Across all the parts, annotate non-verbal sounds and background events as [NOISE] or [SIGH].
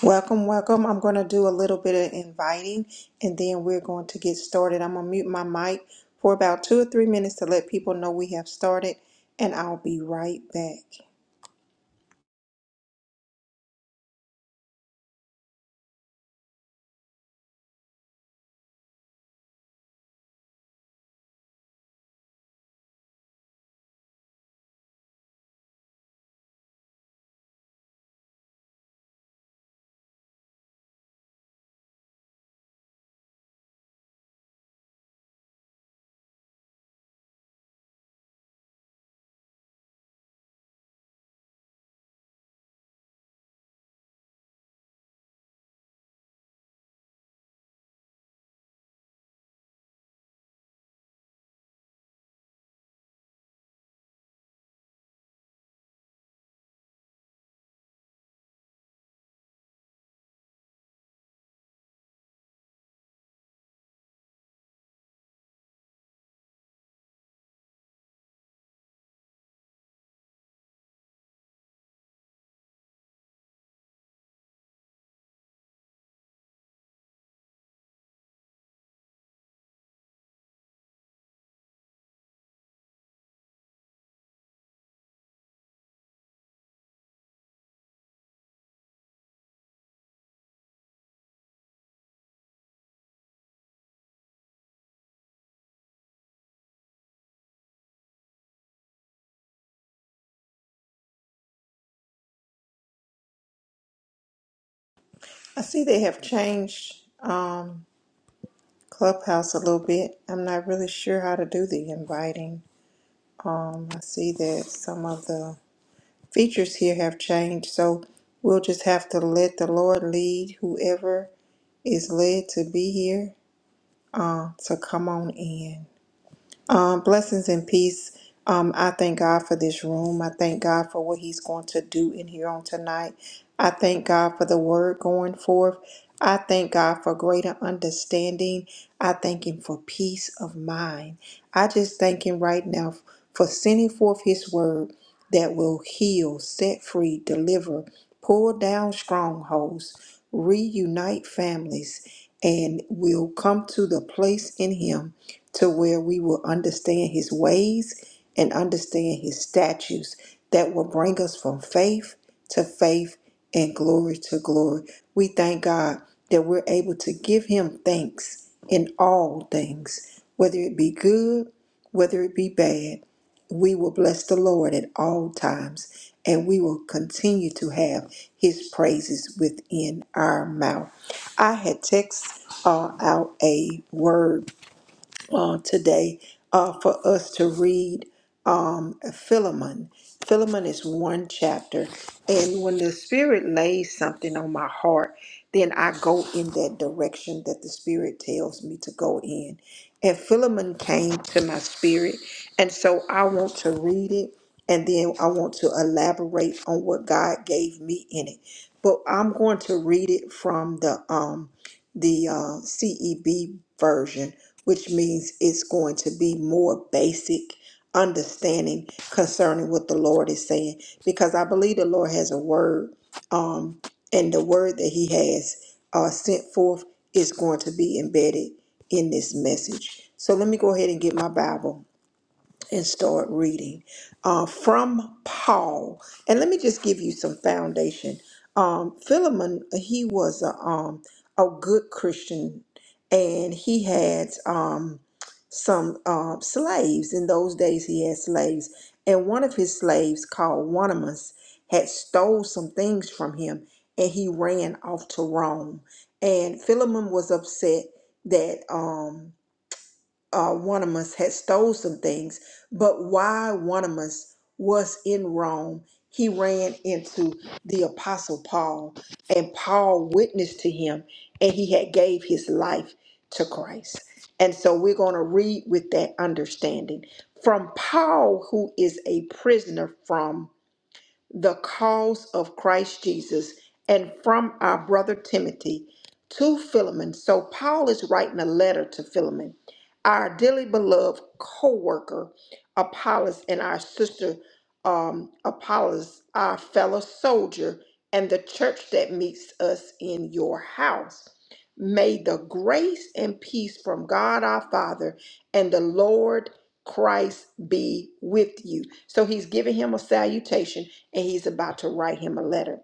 Welcome, welcome. I'm going to do a little bit of inviting and then we're going to get started. I'm going to mute my mic for about two or three minutes to let people know we have started and I'll be right back. I see they have changed um, Clubhouse a little bit. I'm not really sure how to do the inviting. Um, I see that some of the features here have changed, so we'll just have to let the Lord lead whoever is led to be here uh, to come on in. Um, blessings and peace. Um, I thank God for this room. I thank God for what He's going to do in here on tonight. I thank God for the word going forth. I thank God for greater understanding. I thank Him for peace of mind. I just thank Him right now for sending forth His word that will heal, set free, deliver, pull down strongholds, reunite families, and will come to the place in Him to where we will understand his ways and understand his statutes that will bring us from faith to faith and glory to glory. We thank God that we're able to give him thanks in all things, whether it be good, whether it be bad. We will bless the Lord at all times, and we will continue to have his praises within our mouth. I had text uh, out a word uh, today uh, for us to read um, Philemon. Philemon is one chapter, and when the Spirit lays something on my heart, then I go in that direction that the Spirit tells me to go in. And Philemon came to my spirit, and so I want to read it, and then I want to elaborate on what God gave me in it. But I'm going to read it from the um, the uh, CEB version which means it's going to be more basic understanding concerning what the Lord is saying. Because I believe the Lord has a word, um, and the word that He has uh, sent forth is going to be embedded in this message. So let me go ahead and get my Bible and start reading uh, from Paul. And let me just give you some foundation. Um, Philemon, he was a, um, a good Christian, and he had um, some uh, slaves. In those days, he had slaves, and one of his slaves, called Onesimus, had stole some things from him, and he ran off to Rome. And Philemon was upset that. Um, uh, Wanamus had stole some things, but while Wanamus was in Rome, he ran into the apostle Paul, and Paul witnessed to him, and he had gave his life to Christ. And so we're going to read with that understanding from Paul, who is a prisoner from the cause of Christ Jesus, and from our brother Timothy to Philemon. So Paul is writing a letter to Philemon, our dearly beloved co worker, Apollos, and our sister um, Apollos, our fellow soldier, and the church that meets us in your house. May the grace and peace from God our Father and the Lord Christ be with you. So he's giving him a salutation and he's about to write him a letter.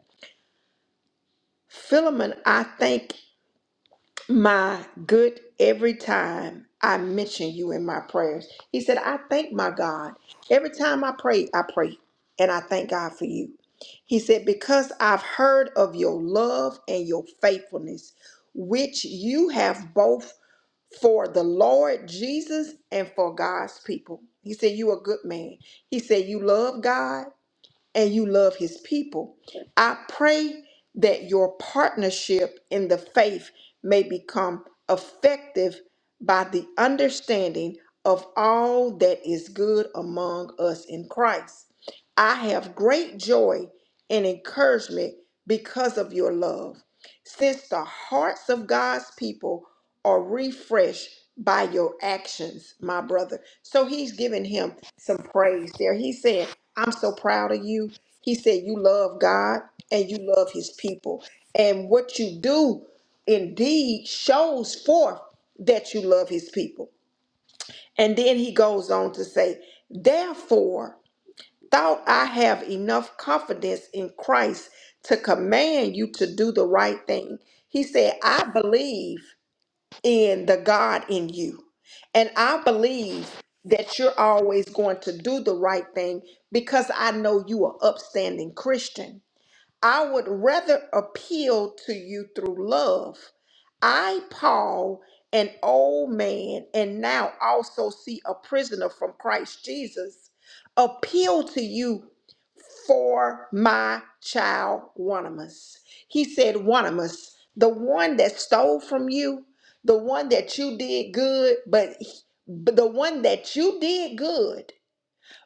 Philemon, I thank my good every time I mention you in my prayers. He said, I thank my God. Every time I pray, I pray, and I thank God for you. He said, Because I've heard of your love and your faithfulness, which you have both for the Lord Jesus and for God's people. He said, you a good man. He said, You love God and you love his people. I pray that your partnership in the faith may become effective by the understanding of all that is good among us in Christ. I have great joy and encouragement because of your love, since the hearts of God's people are refreshed by your actions, my brother. So he's giving him some praise there. He said. I'm so proud of you. He said, You love God and you love his people. And what you do indeed shows forth that you love his people. And then he goes on to say, Therefore, thought I have enough confidence in Christ to command you to do the right thing. He said, I believe in the God in you. And I believe that you're always going to do the right thing because I know you are upstanding Christian. I would rather appeal to you through love. I, Paul, an old man, and now also see a prisoner from Christ Jesus, appeal to you for my child Wanamus. He said, Wanamus, the one that stole from you, the one that you did good, but, but the one that you did good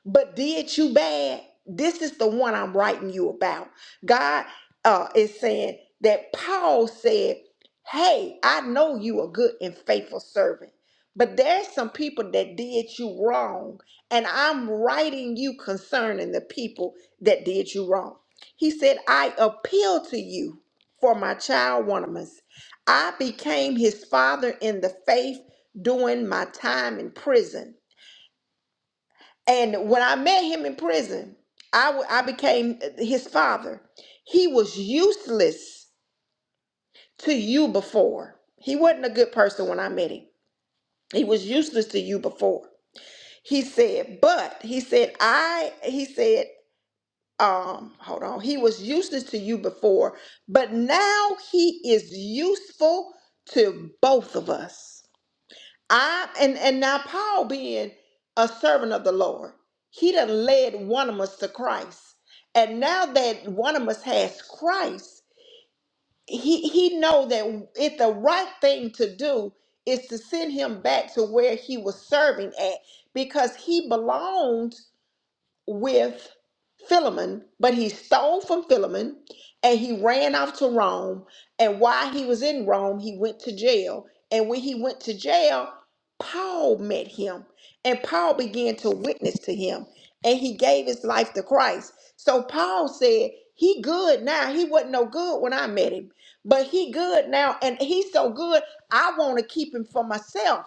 but did you bad? This is the one I'm writing you about. God uh, is saying that Paul said, Hey, I know you a good and faithful servant, but there's some people that did you wrong, and I'm writing you concerning the people that did you wrong. He said, I appeal to you for my child Onesimus. I became his father in the faith during my time in prison. And when I met him in prison, I, w- I became uh, his father. He was useless to you before. He wasn't a good person when I met him. He was useless to you before. He said, but he said, I, he said, um, hold on. He was useless to you before, but now he is useful to both of us. I and and now Paul being a servant of the Lord, he done led one of us to Christ, and now that one of us has Christ, he he know that if the right thing to do is to send him back to where he was serving at because he belonged with Philemon, but he stole from Philemon and he ran off to Rome. And while he was in Rome, he went to jail. And when he went to jail, Paul met him and Paul began to witness to him and he gave his life to Christ. So Paul said, he good now. He wasn't no good when I met him, but he good now and he's so good I want to keep him for myself.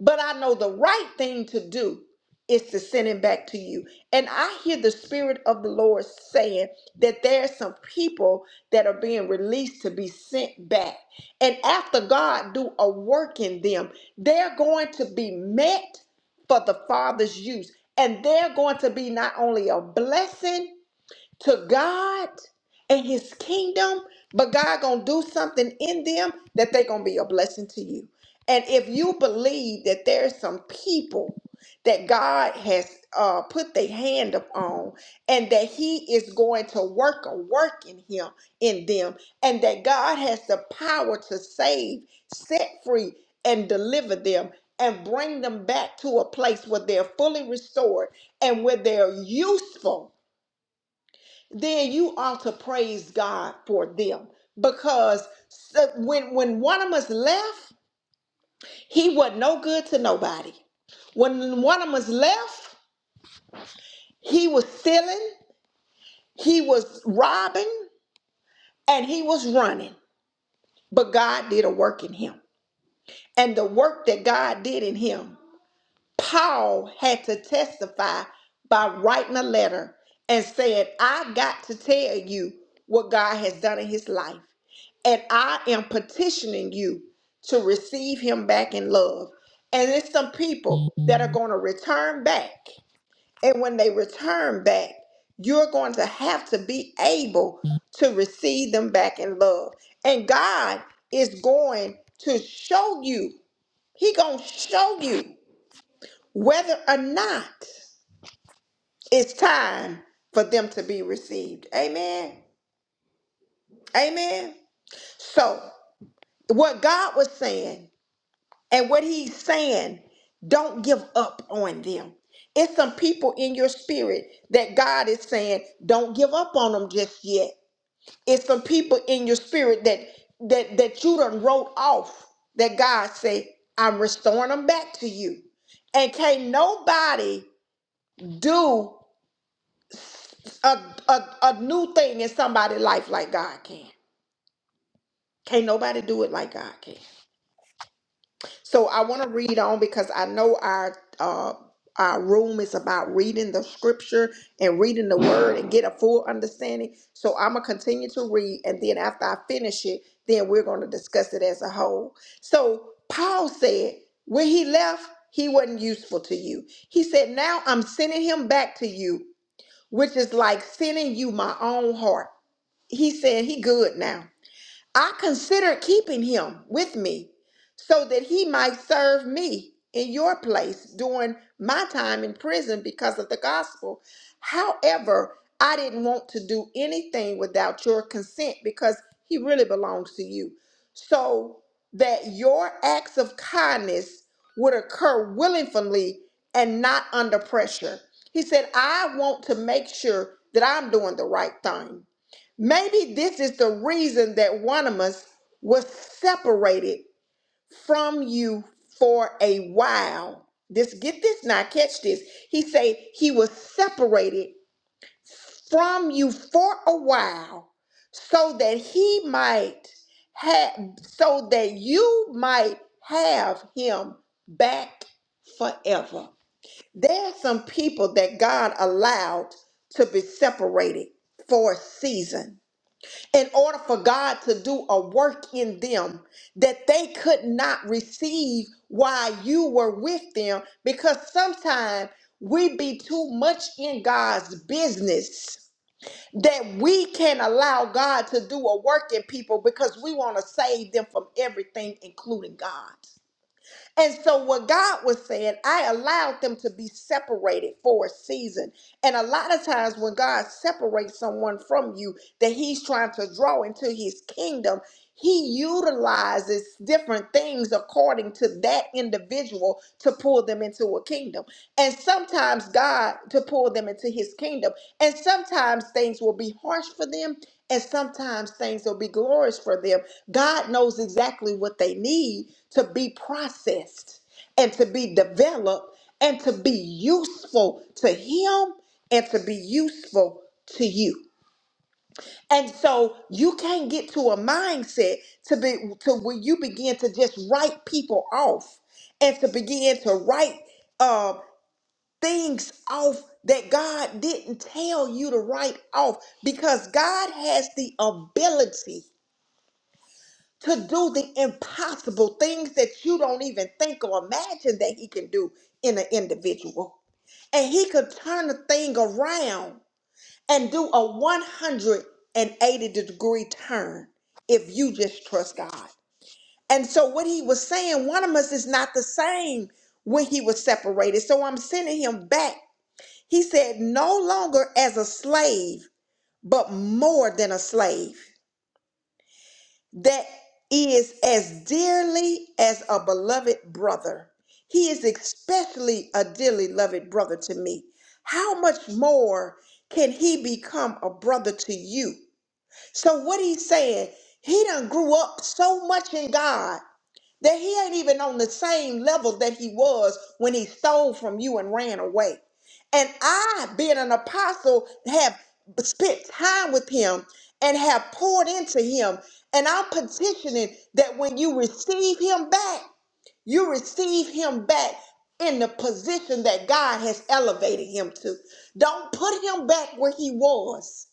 But I know the right thing to do is to send him back to you. And I hear the Spirit of the Lord saying that there are some people that are being released to be sent back. And after God do a work in them, they're going to be met for the Father's use. And they're going to be not only a blessing, to God and his kingdom, but God gonna do something in them that they gonna be a blessing to you. And if you believe that there's some people that God has uh, put their hand upon and that he is going to work a work in him in them and that God has the power to save, set free, and deliver them and bring them back to a place where they're fully restored and where they're useful then you ought to praise God for them because so- when when one of us left, he was no good to nobody. When one of us left, he was stealing, he was robbing, and he was running. But God did a work in him. And the work that God did in him, Paul had to testify by writing a letter and saying, I got to tell you what God has done in his life. and I am petitioning you to receive him back in love. And it's some people that are going to return back. And when they return back, you're going to have to be able to receive them back in love. And God is going to show you, He going to show you whether or not it's time for them to be received. Amen. Amen. So, what God was saying And what he's saying, don't give up on them. It's some people in your spirit that God is saying, don't give up on them just yet. It's some people in your spirit that that that you done wrote off that God say, I'm restoring them back to you. And can't nobody do a, a, a new thing in somebody's life like God can. Can't nobody do it like God can. So I want to read on because I know our uh, our room is about reading the scripture and reading the word and get a full understanding. So I'm gonna continue to read, and then after I finish it, then we're gonna discuss it as a whole. So Paul said, when he left, he wasn't useful to you. He said, now I'm sending him back to you, which is like sending you my own heart. He said he good now. I considered keeping him with me so that he might serve me in your place during my time in prison because of the gospel. However, I didn't want to do anything without your consent because he really belongs to you. So that your acts of kindness would occur willingly and not under pressure. He said, I want to make sure that I'm doing the right thing. Maybe this is the reason that one of us was separated from you for a while. This get this now, catch this. He said he was separated from you for a while so that he might have so that you might have him back forever. There are some people that God allowed to be separated for a season in order for God to do a work in them that they could not receive while you were with them because sometimes we be too much in God's business that we can allow God to do a work in people because we want to save them from everything including God. And so, what God was saying, I allowed them to be separated for a season. And a lot of times, when God separates someone from you that He's trying to draw into His kingdom, He utilizes different things according to that individual to pull them into a kingdom. And sometimes, God to pull them into His kingdom. And sometimes things will be harsh for them, and sometimes things will be glorious for them. God knows exactly what they need to be processed and to be developed and to be useful to Him and to be useful to you. And so you can't get to a mindset to be to where you begin to just write people off and to begin to write um, things off that God didn't tell you to write off because God has the ability to do the impossible things that you don't even think or imagine that He can do in an individual. And He could turn a thing around and do a 180 degree turn if you just trust God. And so, what He was saying, one of us is not the same when He was separated. So, I'm sending Him back he said, no longer as a slave, but more than a slave, that is as dearly as a beloved brother. He is especially a dearly loved brother to me. How much more can he become a brother to you? So, what he's saying, he done grew up so much in God that he ain't even on the same level that he was when he stole from you and ran away. And I, being an apostle, have spent time with him and have poured into him. And I'm petitioning that when you receive him back, you receive him back in the position that God has elevated him to. Don't put him back where he was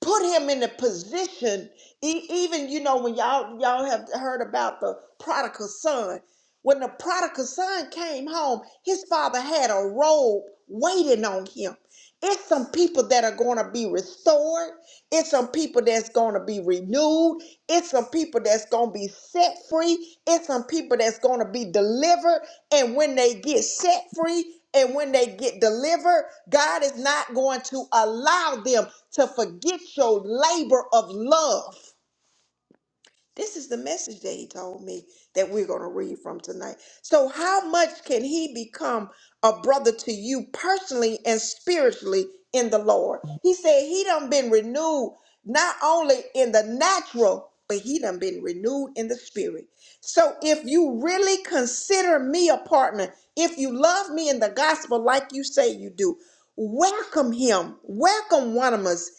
put him in a position e- even you know when y'all y'all have heard about the prodigal son when the prodigal son came home, his father had a robe waiting on him. It's some people that are going to be restored. It's some people that's going to be renewed. It's some people that's going to be set free. It's some people that's going to be delivered. And when they get set free and when they get delivered, God is not going to allow them to forget your labor of love. This is the message that he told me that we're going to read from tonight. So, how much can he become a brother to you personally and spiritually in the Lord? He said he done been renewed not only in the natural, but he done been renewed in the spirit. So, if you really consider me a partner, if you love me in the gospel like you say you do, welcome him, welcome one of us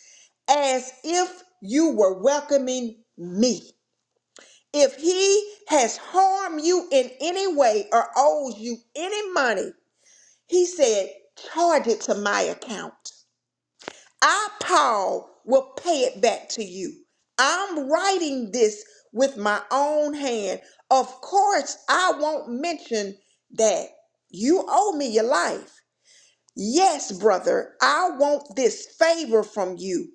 as if you were welcoming me. If he has harmed you in any way or owes you any money, he said, charge it to my account. I, Paul, will pay it back to you. I'm writing this with my own hand. Of course, I won't mention that you owe me your life. Yes, brother, I want this favor from you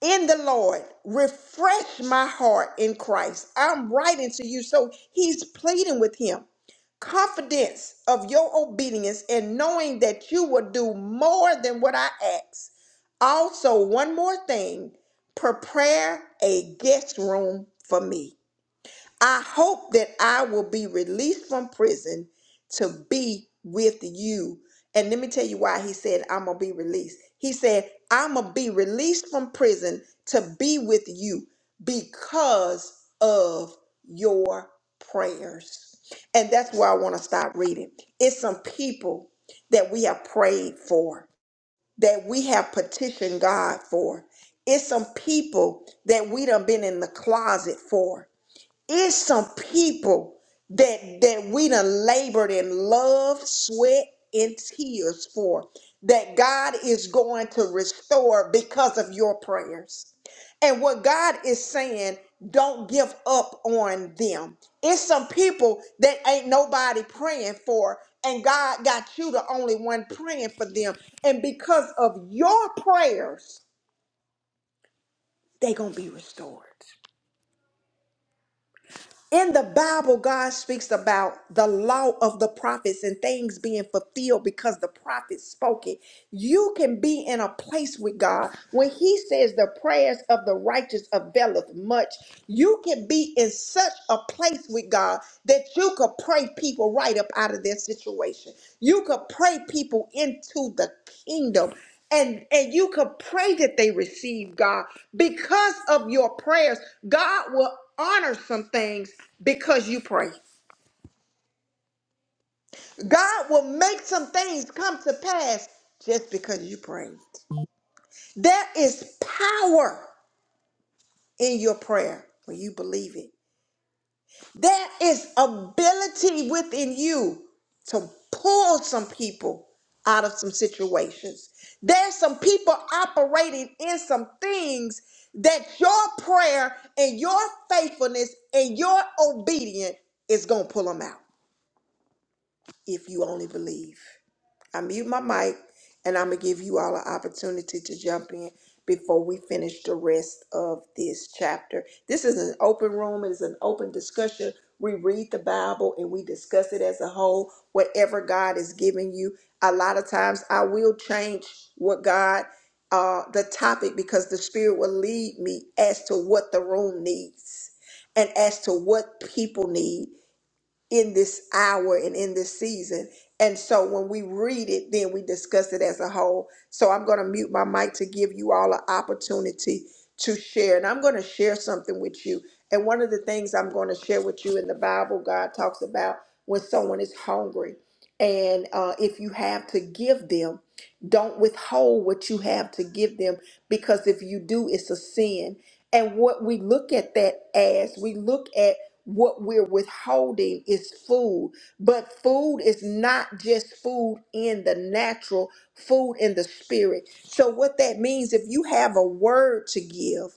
in the Lord. Refresh my heart in Christ. I'm writing to you. So he's pleading with him. Confidence of your obedience and knowing that you will do more than what I ask. Also, one more thing prepare a guest room for me. I hope that I will be released from prison to be with you. And let me tell you why he said, I'm going to be released. He said, I'm going to be released from prison to be with you because of your prayers. And that's where I want to stop reading. It's some people that we have prayed for, that we have petitioned God for. It's some people that we done been in the closet for it's some people that that we done labored in love, sweat, and tears for that God is going to restore because of your prayers. And what God is saying, don't give up on them. It's some people that ain't nobody praying for, and God got you the only one praying for them. And because of your prayers, they gonna be restored. In the Bible, God speaks about the law of the prophets and things being fulfilled because the prophets spoke it. You can be in a place with God when He says the prayers of the righteous availeth much. You can be in such a place with God that you could pray people right up out of their situation. You could pray people into the kingdom. And, and you could pray that they receive God because of your prayers. God will honor some things because you prayed. God will make some things come to pass just because you prayed. There is power in your prayer when you believe it. There is ability within you to pull some people out of some situations. There's some people operating in some things that your prayer and your faithfulness and your obedience is going to pull them out. if you only believe. I mute my mic and I'm going to give you all an opportunity to jump in before we finish the rest of this chapter. This is an open room, it is an open discussion. We read the Bible and we discuss it as a whole, whatever God is giving you. A lot of times I will change what God, uh, the topic, because the Spirit will lead me as to what the room needs and as to what people need in this hour and in this season. And so when we read it, then we discuss it as a whole. So I'm going to mute my mic to give you all an opportunity to share. And I'm going to share something with you. And one of the things I'm going to share with you in the Bible, God talks about when someone is hungry. And uh, if you have to give them, don't withhold what you have to give them because if you do, it's a sin. And what we look at that as, we look at what we're withholding is food but food is not just food in the natural food in the spirit so what that means if you have a word to give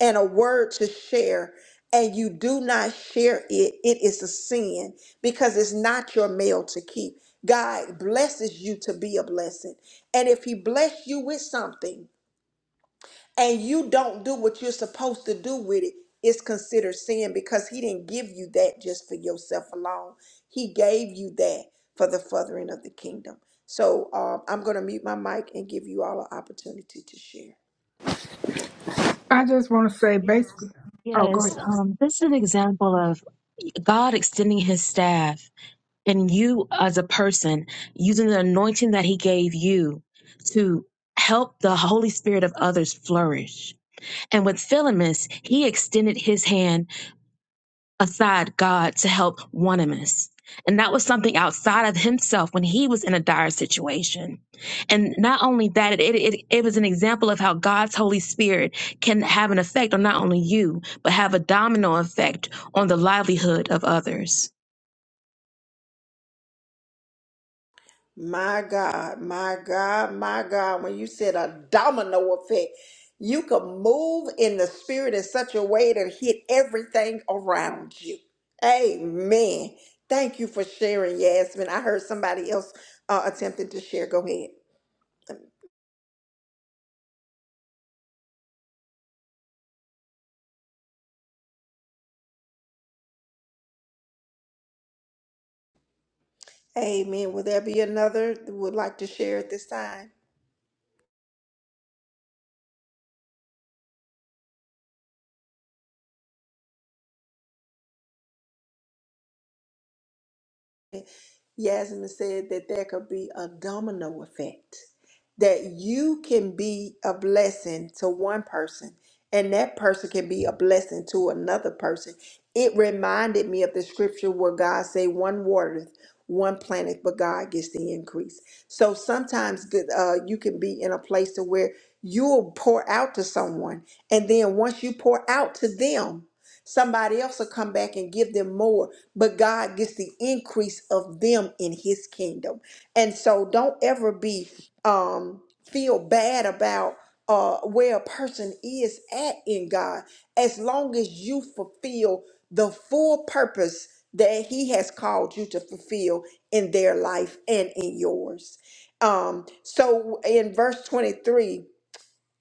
and a word to share and you do not share it it is a sin because it's not your meal to keep god blesses you to be a blessing and if he bless you with something and you don't do what you're supposed to do with it, it's considered sin because he didn't give you that just for yourself alone. He gave you that for the furthering of the kingdom. So um, I'm going to mute my mic and give you all an opportunity to share. I just want to say basically, oh, go Yes, ahead. um, this is an example of God extending his staff and you as a person using the anointing that he gave you to help the Holy Spirit of others flourish. And with Philemus, he extended his hand aside God to help Onesimus. And that was something outside of himself when he was in a dire situation. And not only that, it, it, it was an example of how God's Holy Spirit can have an effect on not only you, but have a domino effect on the livelihood of others. My God, my God, my God, when you said a domino effect, you could move in the spirit in such a way to hit everything around you. Amen. Thank you for sharing, Yasmin. I heard somebody else uh, attempting to share. Go ahead. Amen. Will there be another that would like to share at this time? Yasmin said that there could be a domino effect, that you can be a blessing to one person, and that person can be a blessing to another person. It reminded me of the scripture where God say, "One watereth, one planted, but God gets the increase." So sometimes good, uh, you can be in a place to where you'll pour out to someone, and then once you pour out to them. Somebody else will come back and give them more, but God gets the increase of them in his kingdom. And so don't ever be um feel bad about uh where a person is at in God as long as you fulfill the full purpose that he has called you to fulfill in their life and in yours. Um so in verse 23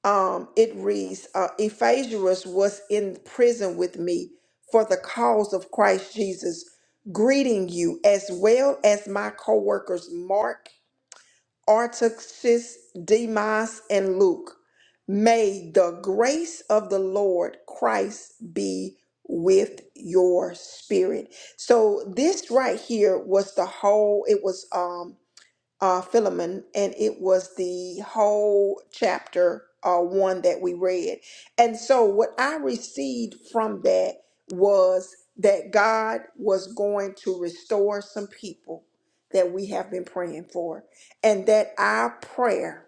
um, it reads, uh, Ephesians was in prison with me for the cause of Christ Jesus, greeting you as well as my co-workers Mark, Artaxis, Demas, and Luke. May the grace of the Lord Christ be with your spirit. So this right here was the whole. It was um uh, Philemon, and it was the whole chapter uh, one that we read. And so, what I received from that was that God was going to restore some people that we have been praying for, and that our prayer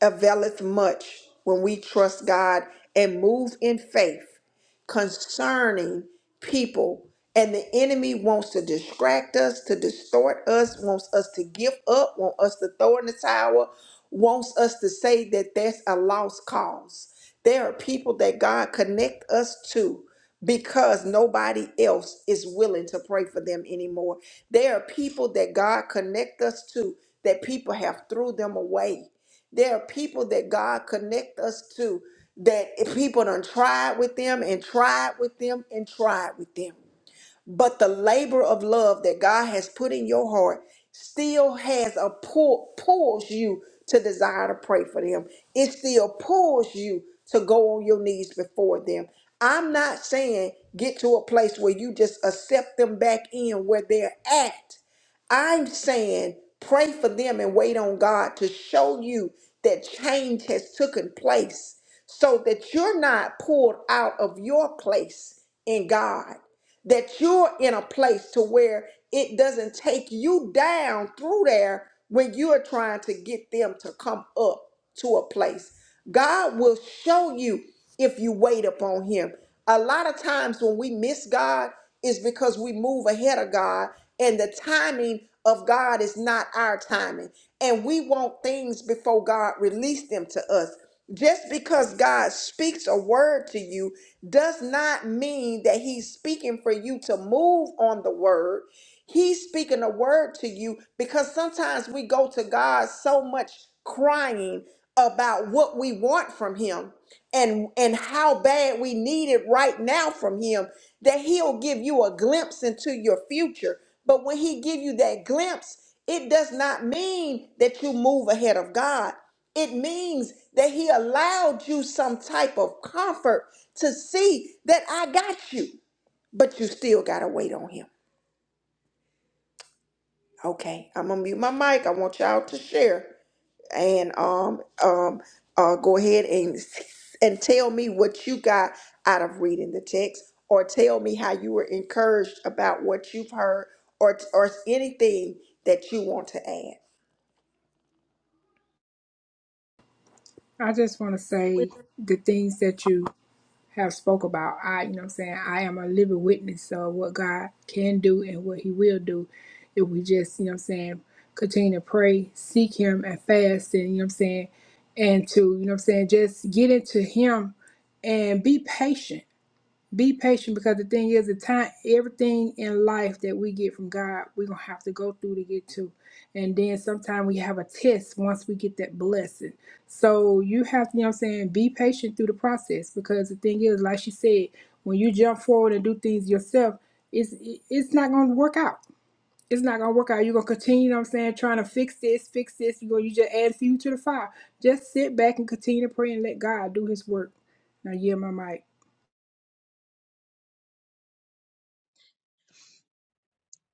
availeth much when we trust God and move in faith concerning people. And the enemy wants to distract us, to distort us, wants us to give up, wants us to throw in the towel, wants us to say that that's a lost cause. There are people that God connect us to because nobody else is willing to pray for them anymore. There are people that God connect us to that people have threw them away there are people that God connect us to that people done tried with them and tried with them and tried with them but the labor of love that God has put in your heart still has a pull pulls you to desire to pray for them. It still pulls you to go on your knees before them. I'm not saying get to a place where you just accept them back in where they're at. I'm saying pray for them and wait on God to show you that change has taken place so that you're not pulled out of your place in God that you're in a place to where it doesn't take you down through there when you're trying to get them to come up to a place. God will show you if you wait upon him. A lot of times when we miss God is because we move ahead of God and the timing of God is not our timing. And we want things before God release them to us. Just because God speaks a word to you does not mean that he's speaking for you to move on the word. He's speaking a word to you because sometimes we go to God so much crying about what we want from him and and how bad we need it right now from him that he'll give you a glimpse into your future but when he give you that glimpse, it does not mean that you move ahead of God. It means that he allowed you some type of comfort to see that I got you, but you still got to wait on him. Okay, I'm going to mute my mic. I want y'all to share and um um uh go ahead and and tell me what you got out of reading the text or tell me how you were encouraged about what you've heard or or anything that you want to add. I just want to With, say the things that you have spoke about. I, you know, what I'm saying I am a living witness of what God can do and what He will do if we just, you know, what I'm saying continue to pray, seek Him, and fast, and you know, what I'm saying, and to, you know, what I'm saying just get into Him and be patient Be patient because the thing is, the time, everything in life that we get from God, we're gonna have to go through to get to, and then sometimes we have a test once we get that blessing. So you have, to, you know, what I'm saying, be patient through the process because the thing is, like she said, when you jump forward and do things yourself, it's it's not gonna work out. It's not gonna work out. You're gonna continue, you know what I'm saying, trying to fix this, fix this. You go, you just add fuel to the fire. Just sit back and continue to pray and let God do His work. Now, yeah, my mic.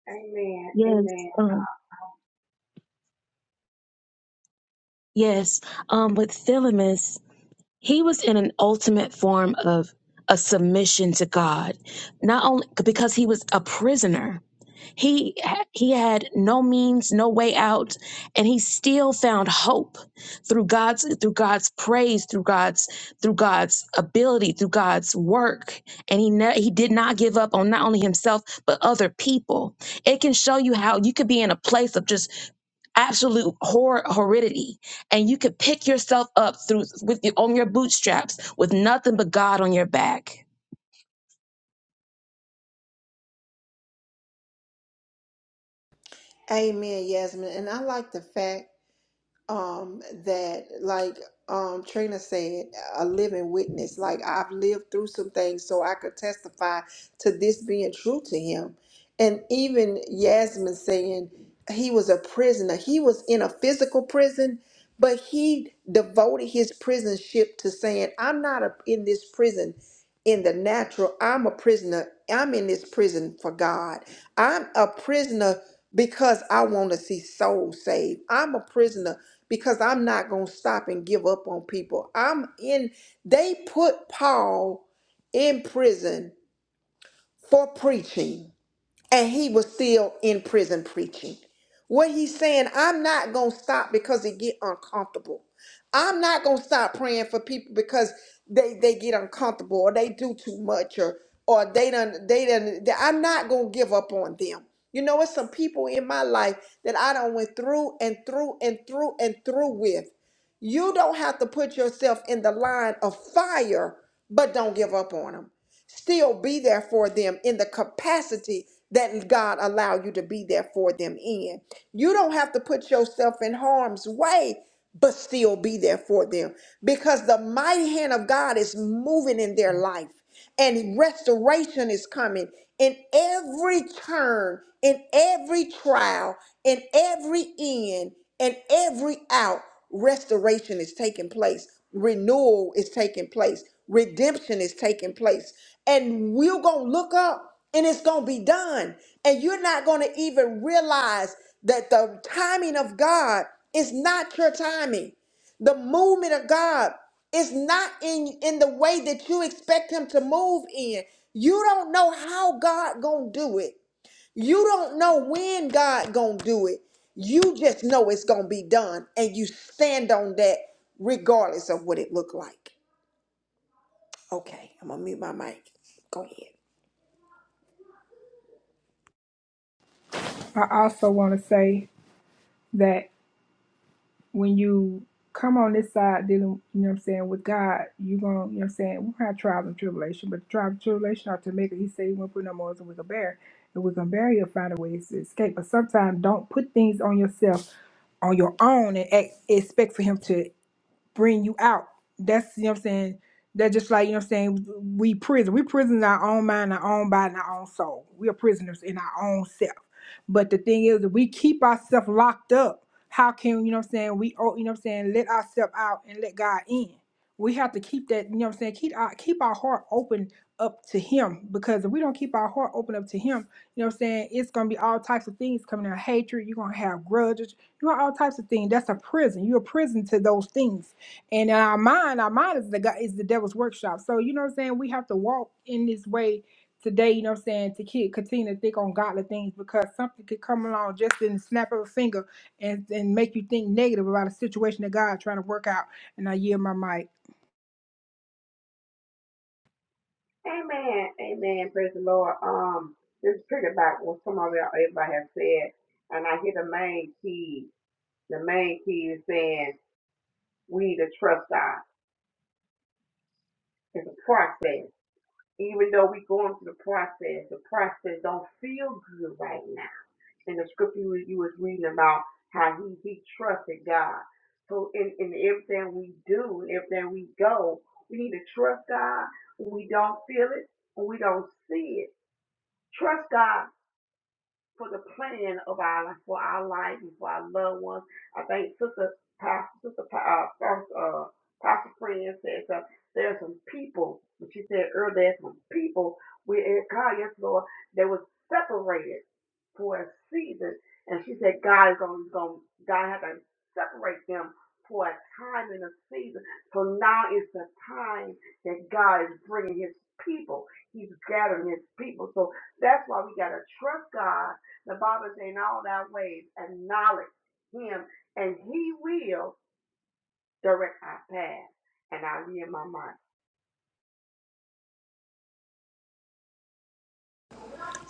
Amen. yes, Amen. um, yes. Um, with Philemus, he was in an ultimate form of a submission to God, not only because he was a prisoner He ha- he had no means, no way out, and he still found hope through God's through God's praise, through God's through God's ability, through God's work. And he ne- he did not give up on not only himself but other people. It can show you how you could be in a place of just absolute horror horridity, and you could pick yourself up through with your, on your bootstraps with nothing but God on your back. Amen, Yasmin. And I like the fact um that like um Trina said a living witness like I've lived through some things so I could testify to this being true to him and even Yasmin saying he was a prisoner he was in a physical prison but he devoted his prison ship to saying I'm not a, in this prison in the natural I'm a prisoner I'm in this prison for God I'm a prisoner because I want to see souls saved. I'm a prisoner because I'm not going to stop and give up on people. I'm in, they put Paul in prison for preaching and he was still in prison preaching. What he's saying, I'm not going to stop because it get uncomfortable. I'm not going to stop praying for people because they, they get uncomfortable or they do too much or or they done they done they- I'm not going to give up on them. You know, it's some people in my life that I don't went through and through and through and through with. You don't have to put yourself in the line of fire, but don't give up on them still be there for them in the capacity that God allow you to be there for them in. You don't have to put yourself in harm's way, but still be there for them because the mighty hand of God is moving in their life and restoration is coming in every turn, in every trial, in every in, and every out. Restoration is taking place, renewal is taking place, redemption is taking place, and we're gonna look up and it's gonna be done, and you're not gonna even realize that the timing of God is not your timing. The movement of God. It's not in in the way that you expect him to move in. You don't know how God going to do it. You don't know when God going to do it. You just know it's going to be done and you stand on that regardless of what it look like. Okay, I'm going to mute my mic. Go ahead. I also want to say that when you come on this side dealing, you know what I'm saying, with God, you're going to, you know what I'm saying, we have trials and tribulation, but the trials and tribulation are to make it. He said he won't put no more than we can bear. If we can bear, you'll find a way to escape. But sometimes don't put things on yourself on your own and ex- expect for him to bring you out. That's you know what I'm saying. That's just like you know what I'm saying. We prison. We prison in our own mind, our own body, and our own soul. We are prisoners in our own self. But the thing is, if we keep ourselves locked up, how can you know what I'm saying? We oh, you know what I'm saying. Let ourselves out and let God in. We have to keep that you know what I'm saying. Keep our keep our heart open up to Him because if we don't keep our heart open up to Him, you know what I'm saying. It's gonna be all types of things coming out. Hatred. You're gonna have grudges. You know all types of things. That's a prison. You're a prison to those things and in our mind our mind is the god is the devil's workshop so you know what i'm saying we have to walk in this way today you know what i'm saying to keep continue to think on godly things because something could come along just in the snap of a finger and and make you think negative about a situation that god trying to work out and i yield my mic Amen. Amen. Praise the Lord. Um, this is pretty about what some of y'all everybody have said, and I hear the main key. The main key is saying we need to trust God. It's a process. Even though we going through the process, the process don't feel good right now. In the scripture you, was- you was reading about how he, he trusted God. So in, in everything we do, in everything we go, we need to trust God. When we don't feel it, when we don't see it Trust God for the plan of our for our life, and for our loved ones. I think Sister Pastor, Sister Pa- uh, uh, Pastor Friend said that there's some people, and she said earlier, there's some people we God, yes, Lord, they were separated for a season, and she said God is going to God had to separate them for a time and a season. So now it's the time that God is bringing His people. He's gathering His people. So that's why we gotta trust God the Bible says in all our ways, acknowledge him, and he will direct our path. And I yield my mind.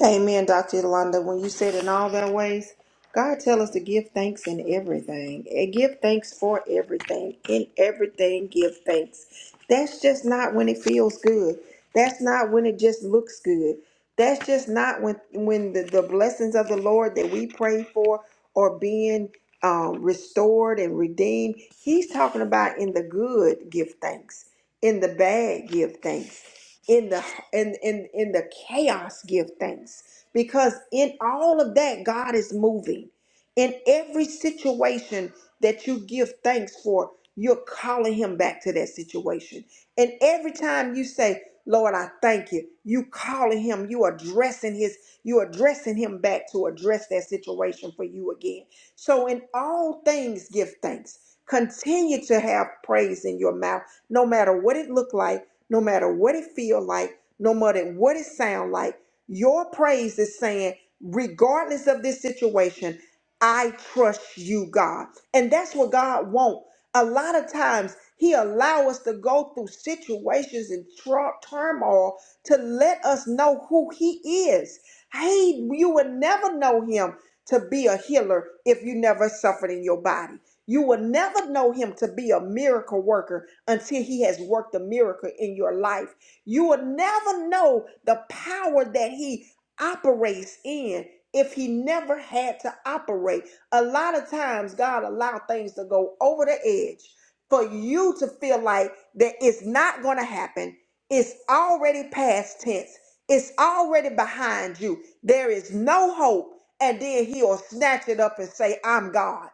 Amen, Dr. Yolanda. When you said in all their ways, God tell us to give thanks in everything. And give thanks for everything. In everything, give thanks. That's just not when it feels good. That's not when it just looks good. That's just not when when the, the blessings of the Lord that we pray for are being um, restored and redeemed. He's talking about in the good, give thanks. In the bad, give thanks. In the and in in the chaos give thanks because in all of that God is moving in every situation that you give thanks for you're calling him back to that situation and every time you say Lord I thank you you calling him you addressing his you addressing him back to address that situation for you again so in all things give thanks continue to have praise in your mouth no matter what it look like no matter what it feel like no matter what it sound like. Your praise is saying, regardless of this situation, I trust you, God. And that's what God wants. A lot of times he allow us to go through situations and tru- turmoil to let us know who he is. Hey, you would never know him to be a healer if you never suffered in your body. You will never know him to be a miracle worker until he has worked a miracle in your life. You will never know the power that he operates in if he never had to operate. A lot of times, God allowed things to go over the edge for you to feel like that it's not going to happen. It's already past tense. It's already behind you. There is no hope. And then he'll snatch it up and say, I'm God.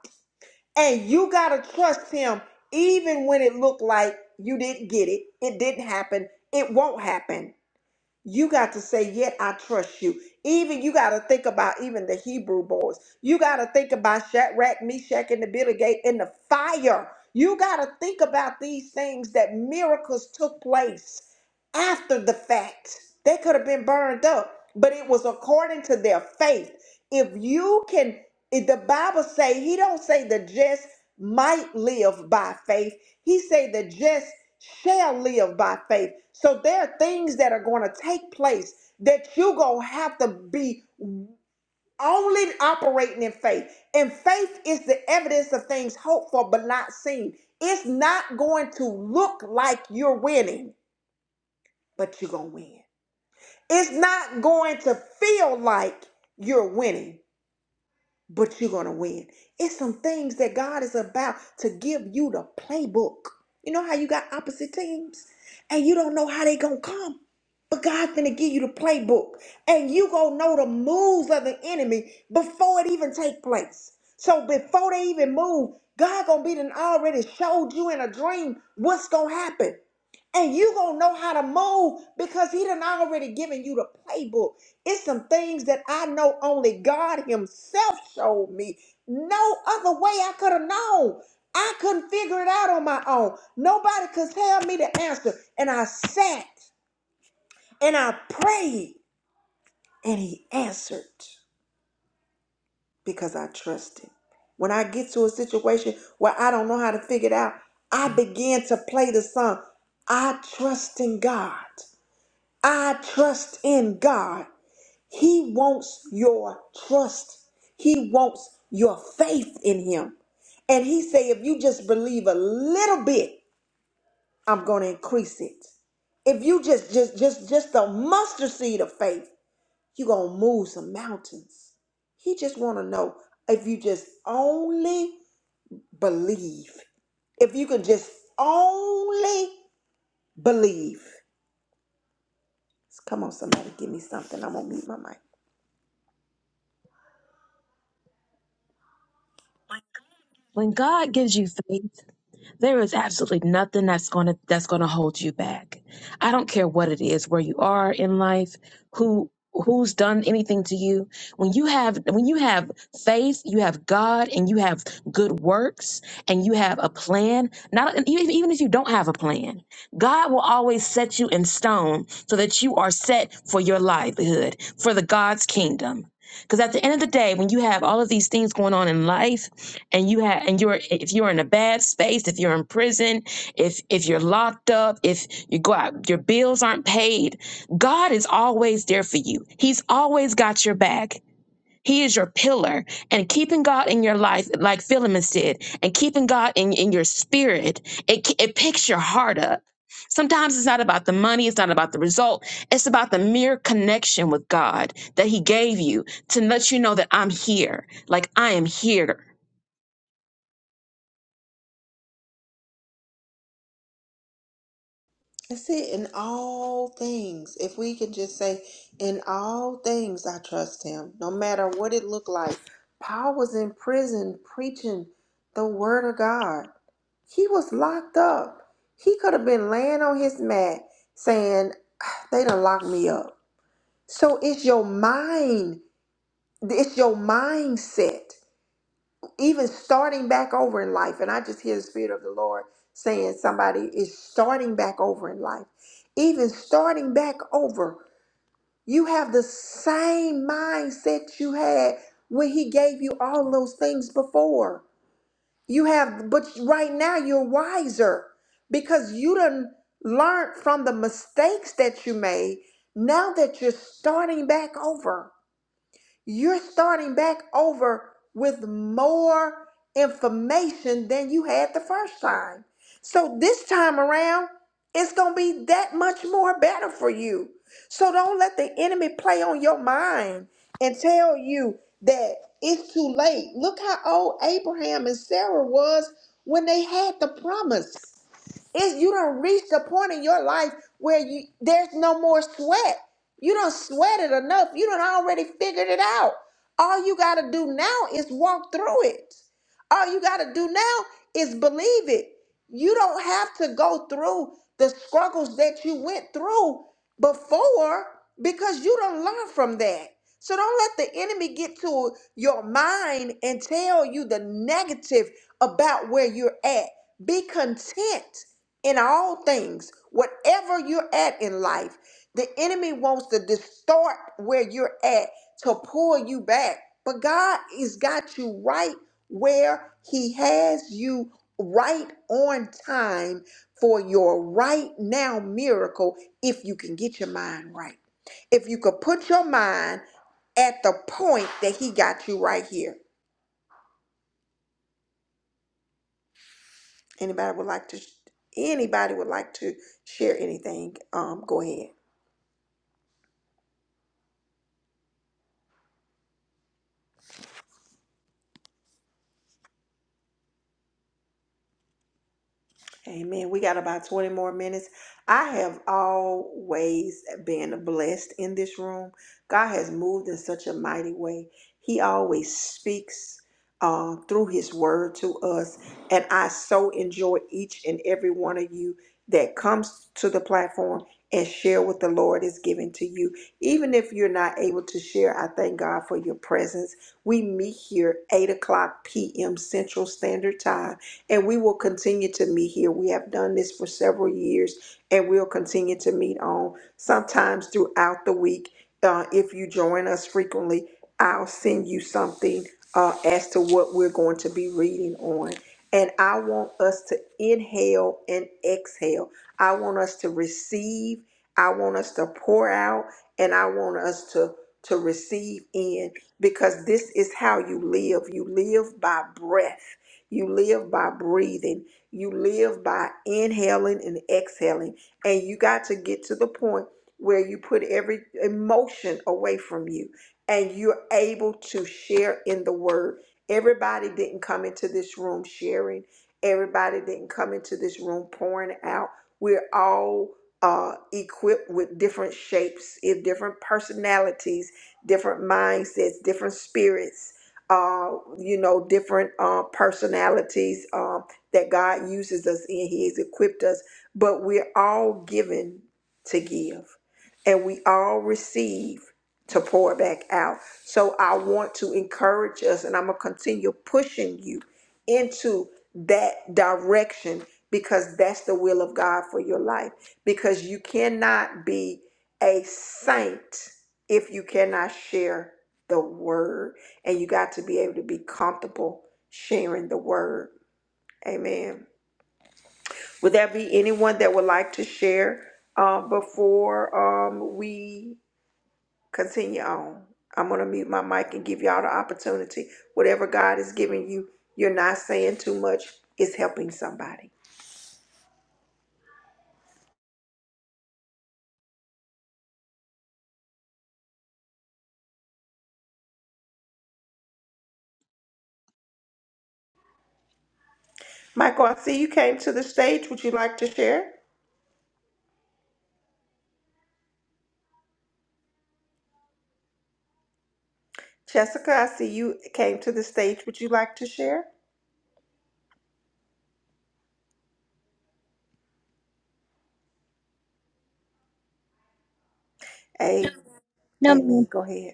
And you got to trust him even when it looked like you didn't get it. It didn't happen. It won't happen. You got to say, yet I trust you. Even you got to think about even the Hebrew boys. You got to think about Shadrach, Meshach, and the Billy Gate in the fire. You got to think about these things that miracles took place after the fact. They could have been burned up, but it was according to their faith. If you can, if the Bible say, he don't say the just might live by faith. He said the just shall live by faith. So there are things that are going to take place that you're going to have to be only operating in faith. And faith is the evidence of things hoped for but not seen. It's not going to look like you're winning, but you're going to win. It's not going to feel like you're winning, but you're going to win. It's some things that God is about to give you the playbook. You know how you got opposite teams and you don't know how they going to come. But God's going to give you the playbook and you going to know the moves of the enemy before it even take place. So before they even move, God going to be done already showed you in a dream what's going to happen. And you gonna know how to mold because he done already given you the playbook. It's some things that I know only God Himself showed me. No other way I could have known. I couldn't figure it out on my own. Nobody could tell me the answer. And I sat and I prayed and he answered because I trusted. When I get to a situation where I don't know how to figure it out, I begin to play the song. I trust in God. I trust in God. He wants your trust. He wants your faith in him. And he say if you just believe a little bit, I'm going to increase it. If you just just just just a mustard seed of faith, you're going to move some mountains. He just want to know if you just only believe. If you can just only believe. Come on somebody, give me something. I'm going to mute my mic. When God gives you faith, there is absolutely nothing that's going to that's going to hold you back. I don't care what it is, where you are in life, who who's done anything to you. When you have when you have faith, you have God and you have good works and you have a plan. Not and even even if you don't have a plan, God will always set you in stone so that you are set for your livelihood, for the God's kingdom. Because at the end of the day, when you have all of these things going on in life, and you have and you're if you're in a bad space if you're in prison if if you're locked up if you go out your bills aren't paid god is always there for you he's always got your back he is your pillar and keeping god in your life like philemon said and keeping god in, in your spirit it, it picks your heart up sometimes it's not about the money it's not about the result it's about the mere connection with god that he gave you to let you know that i'm here like i am here That's it. In all things, if we can just say, in all things, I trust him, no matter what it looked like. Paul was in prison preaching the word of God. He was locked up. He could have been laying on his mat saying, "Ah, they done locked me up. So it's your mind, it's your mindset even starting back over in life. And I just hear the Spirit of the Lord saying somebody is starting back over in life. Even starting back over, you have the same mindset you had when He gave you all those things before. You have, but right now you're wiser because you done learned from the mistakes that you made now that you're starting back over. You're starting back over with more information than you had the first time. So this time around, it's going to be that much more better for you. So don't let the enemy play on your mind and tell you that it's too late. Look how old Abraham and Sarah was when they had the promise. It's you don't reach the point in your life where you there's no more sweat. You don't sweat it enough. You don't already figured it out. All you got to do now is walk through it. All you got to do now is believe it. You don't have to go through the struggles that you went through before because you don't learn from that. So don't let the enemy get to your mind and tell you the negative about where you're at. Be content in all things, whatever you're at in life. The enemy wants to distort where you're at to pull you back. But God has got you right where He has you right on time for your right now miracle if you can get your mind right. If you could put your mind at the point that He got you right here. Anybody would like to anybody would like to share anything? Um go ahead. Amen. We got about 20 more minutes. I have always been blessed in this room. God has moved in such a mighty way. He always speaks uh, through His word to us. And I so enjoy each and every one of you that comes to the platform and share what the Lord is giving to you. Even if you're not able to share, I thank God for your presence. We meet here 8 o'clock p.m. Central Standard Time and we will continue to meet here. We have done this for several years, and we'll continue to meet on sometimes throughout the week. Uh, if you join us frequently, I'll send you something uh, as to what we're going to be reading on. And I want us to inhale and exhale. I want us to receive. I want us to pour out, and I want us to to receive in because this is how you live. You live by breath. You live by breathing. You live by inhaling and exhaling. And you got to get to the point where you put every emotion away from you and you're able to share in the word. Everybody didn't come into this room sharing, everybody didn't come into this room pouring out. We're all uh, equipped with different shapes, eh, different personalities, different mindsets, different spirits uh, you know, different uh, personalities um, that God uses us in. He has equipped us, but we're all given to give and we all receive to pour back out. So I want to encourage us and I'm going to continue pushing you into that direction because that's the will of God for your life. Because you cannot be a saint if you cannot share the word and you got to be able to be comfortable sharing the word amen would there be anyone that would like to share um, before um, we continue on i'm going to mute my mic and give y'all the opportunity whatever god is giving you you're not saying too much it's helping somebody michael i see you came to the stage would you like to share jessica i see you came to the stage would you like to share a- No, ma'am. amen go ahead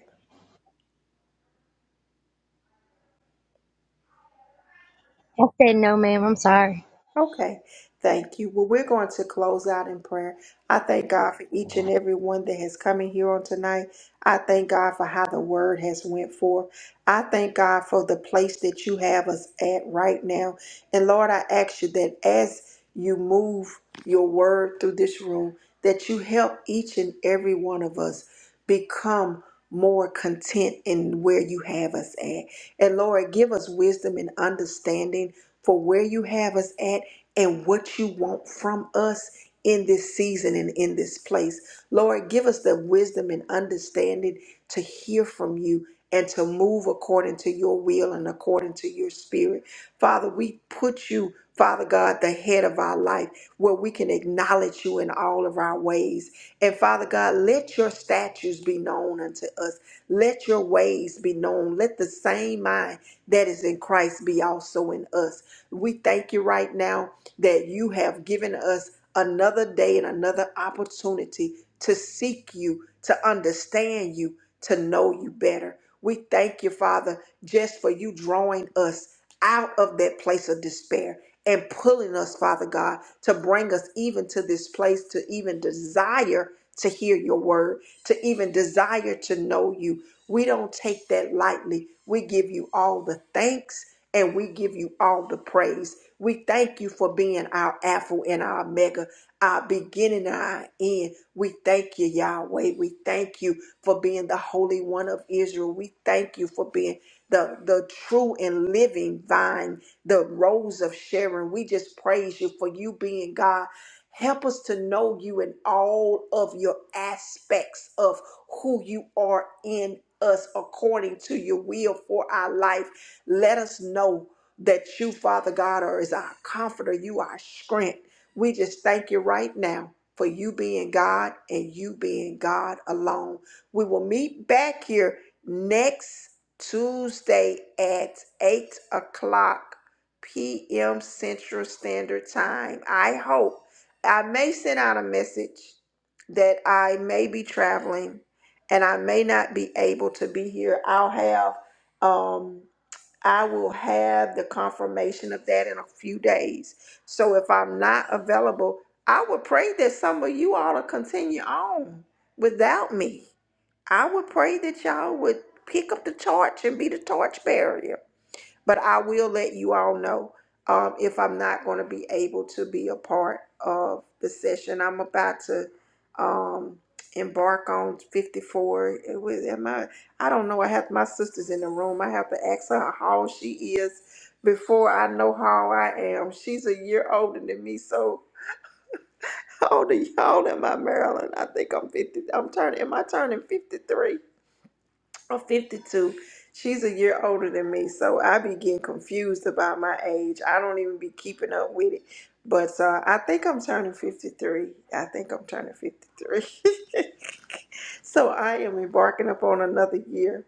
I said no, ma'am. I'm sorry. Okay, thank you. Well, we're going to close out in prayer. I thank God for each and every one that has come in here on tonight. I thank God for how the word has went forth. I thank God for the place that you have us at right now. And Lord, I ask you that as you move your word through this room, that you help each and every one of us become more content in where you have us at. And Lord, give us wisdom and understanding for where you have us at and what you want from us in this season and in this place. Lord, give us the wisdom and understanding to hear from you and to move according to your will and according to your spirit. Father, we put you, Father God, the head of our life where we can acknowledge you in all of our ways. And Father God, let your statutes be known unto us. Let your ways be known. Let the same mind that is in Christ be also in us. We thank you right now that you have given us another day and another opportunity to seek you, to understand you, to know you better. We thank you, Father, just for you drawing us out of that place of despair and pulling us, Father God, to bring us even to this place to even desire to hear your word, to even desire to know you. We don't take that lightly. We give you all the thanks and we give you all the praise. We thank you for being our Alpha and our Omega, our beginning and our end. We thank you, Yahweh. We thank you for being the Holy One of Israel. We thank you for being the, the true and living vine, the rose of Sharon. We just praise you for you being God. Help us to know you in all of your aspects of who you are in us according to your will for our life. Let us know that you, Father God, are is our comforter, you our strength. We just thank you right now for you being God and you being God alone. We will meet back here next Tuesday at 8 o'clock p.m. Central Standard Time. I hope I may send out a message that I may be traveling and I may not be able to be here. I'll have um I will have the confirmation of that in a few days. So if I'm not available, I would pray that some of you all to continue on without me. I would pray that y'all would pick up the torch and be the torch bearer but I will let you all know um, if I'm not going to be able to be a part of the session I'm about to um, embark on 54. It was, am I? I don't know. I have my sisters in the room. I have to ask her how she is before I know how I am. She's a year older than me, so [LAUGHS] how old are y'all? Am I Marilyn? I think I'm 50. I'm turning. Am I turning 53? I'm 52. She's a year older than me, so I be getting confused about my age. I don't even be keeping up with it. But uh, I think I'm turning 53. I think I'm turning 53. [LAUGHS] so I am embarking upon another year.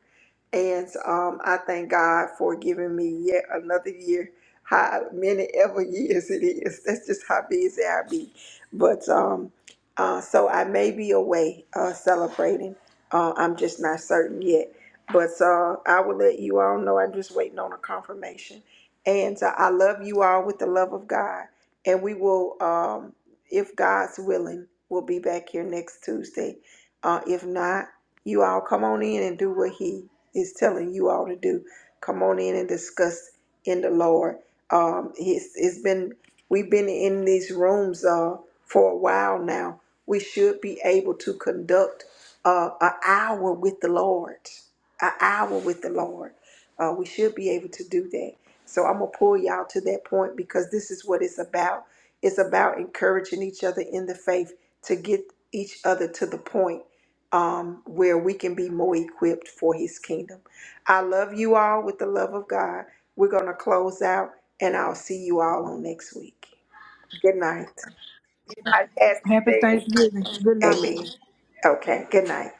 And um, I thank God for giving me yet another year, how many ever [LAUGHS] years it is. That's just how busy I be. But um, uh, so I may be away uh, celebrating. Uh, I'm just not certain yet. But uh, I will let you all know. I'm just waiting on a confirmation. And uh, I love you all with the love of God. And we will, um, if God's willing, we'll be back here next Tuesday. Uh, if not, you all come on in and do what He is telling you all to do. Come on in and discuss in the Lord. Um, it's, it's been we've been in these rooms uh, for a while now. We should be able to conduct uh, an hour with the Lord, an hour with the Lord. Uh, we should be able to do that. So I'm gonna pull y'all to that point because this is what it's about. It's about encouraging each other in the faith to get each other to the point um, where we can be more equipped for his kingdom. I love you all with the love of God. We're going to close out, and I'll see you all on next week. Good night. happy thanksgiving good night Amen. Everything Okay, good night.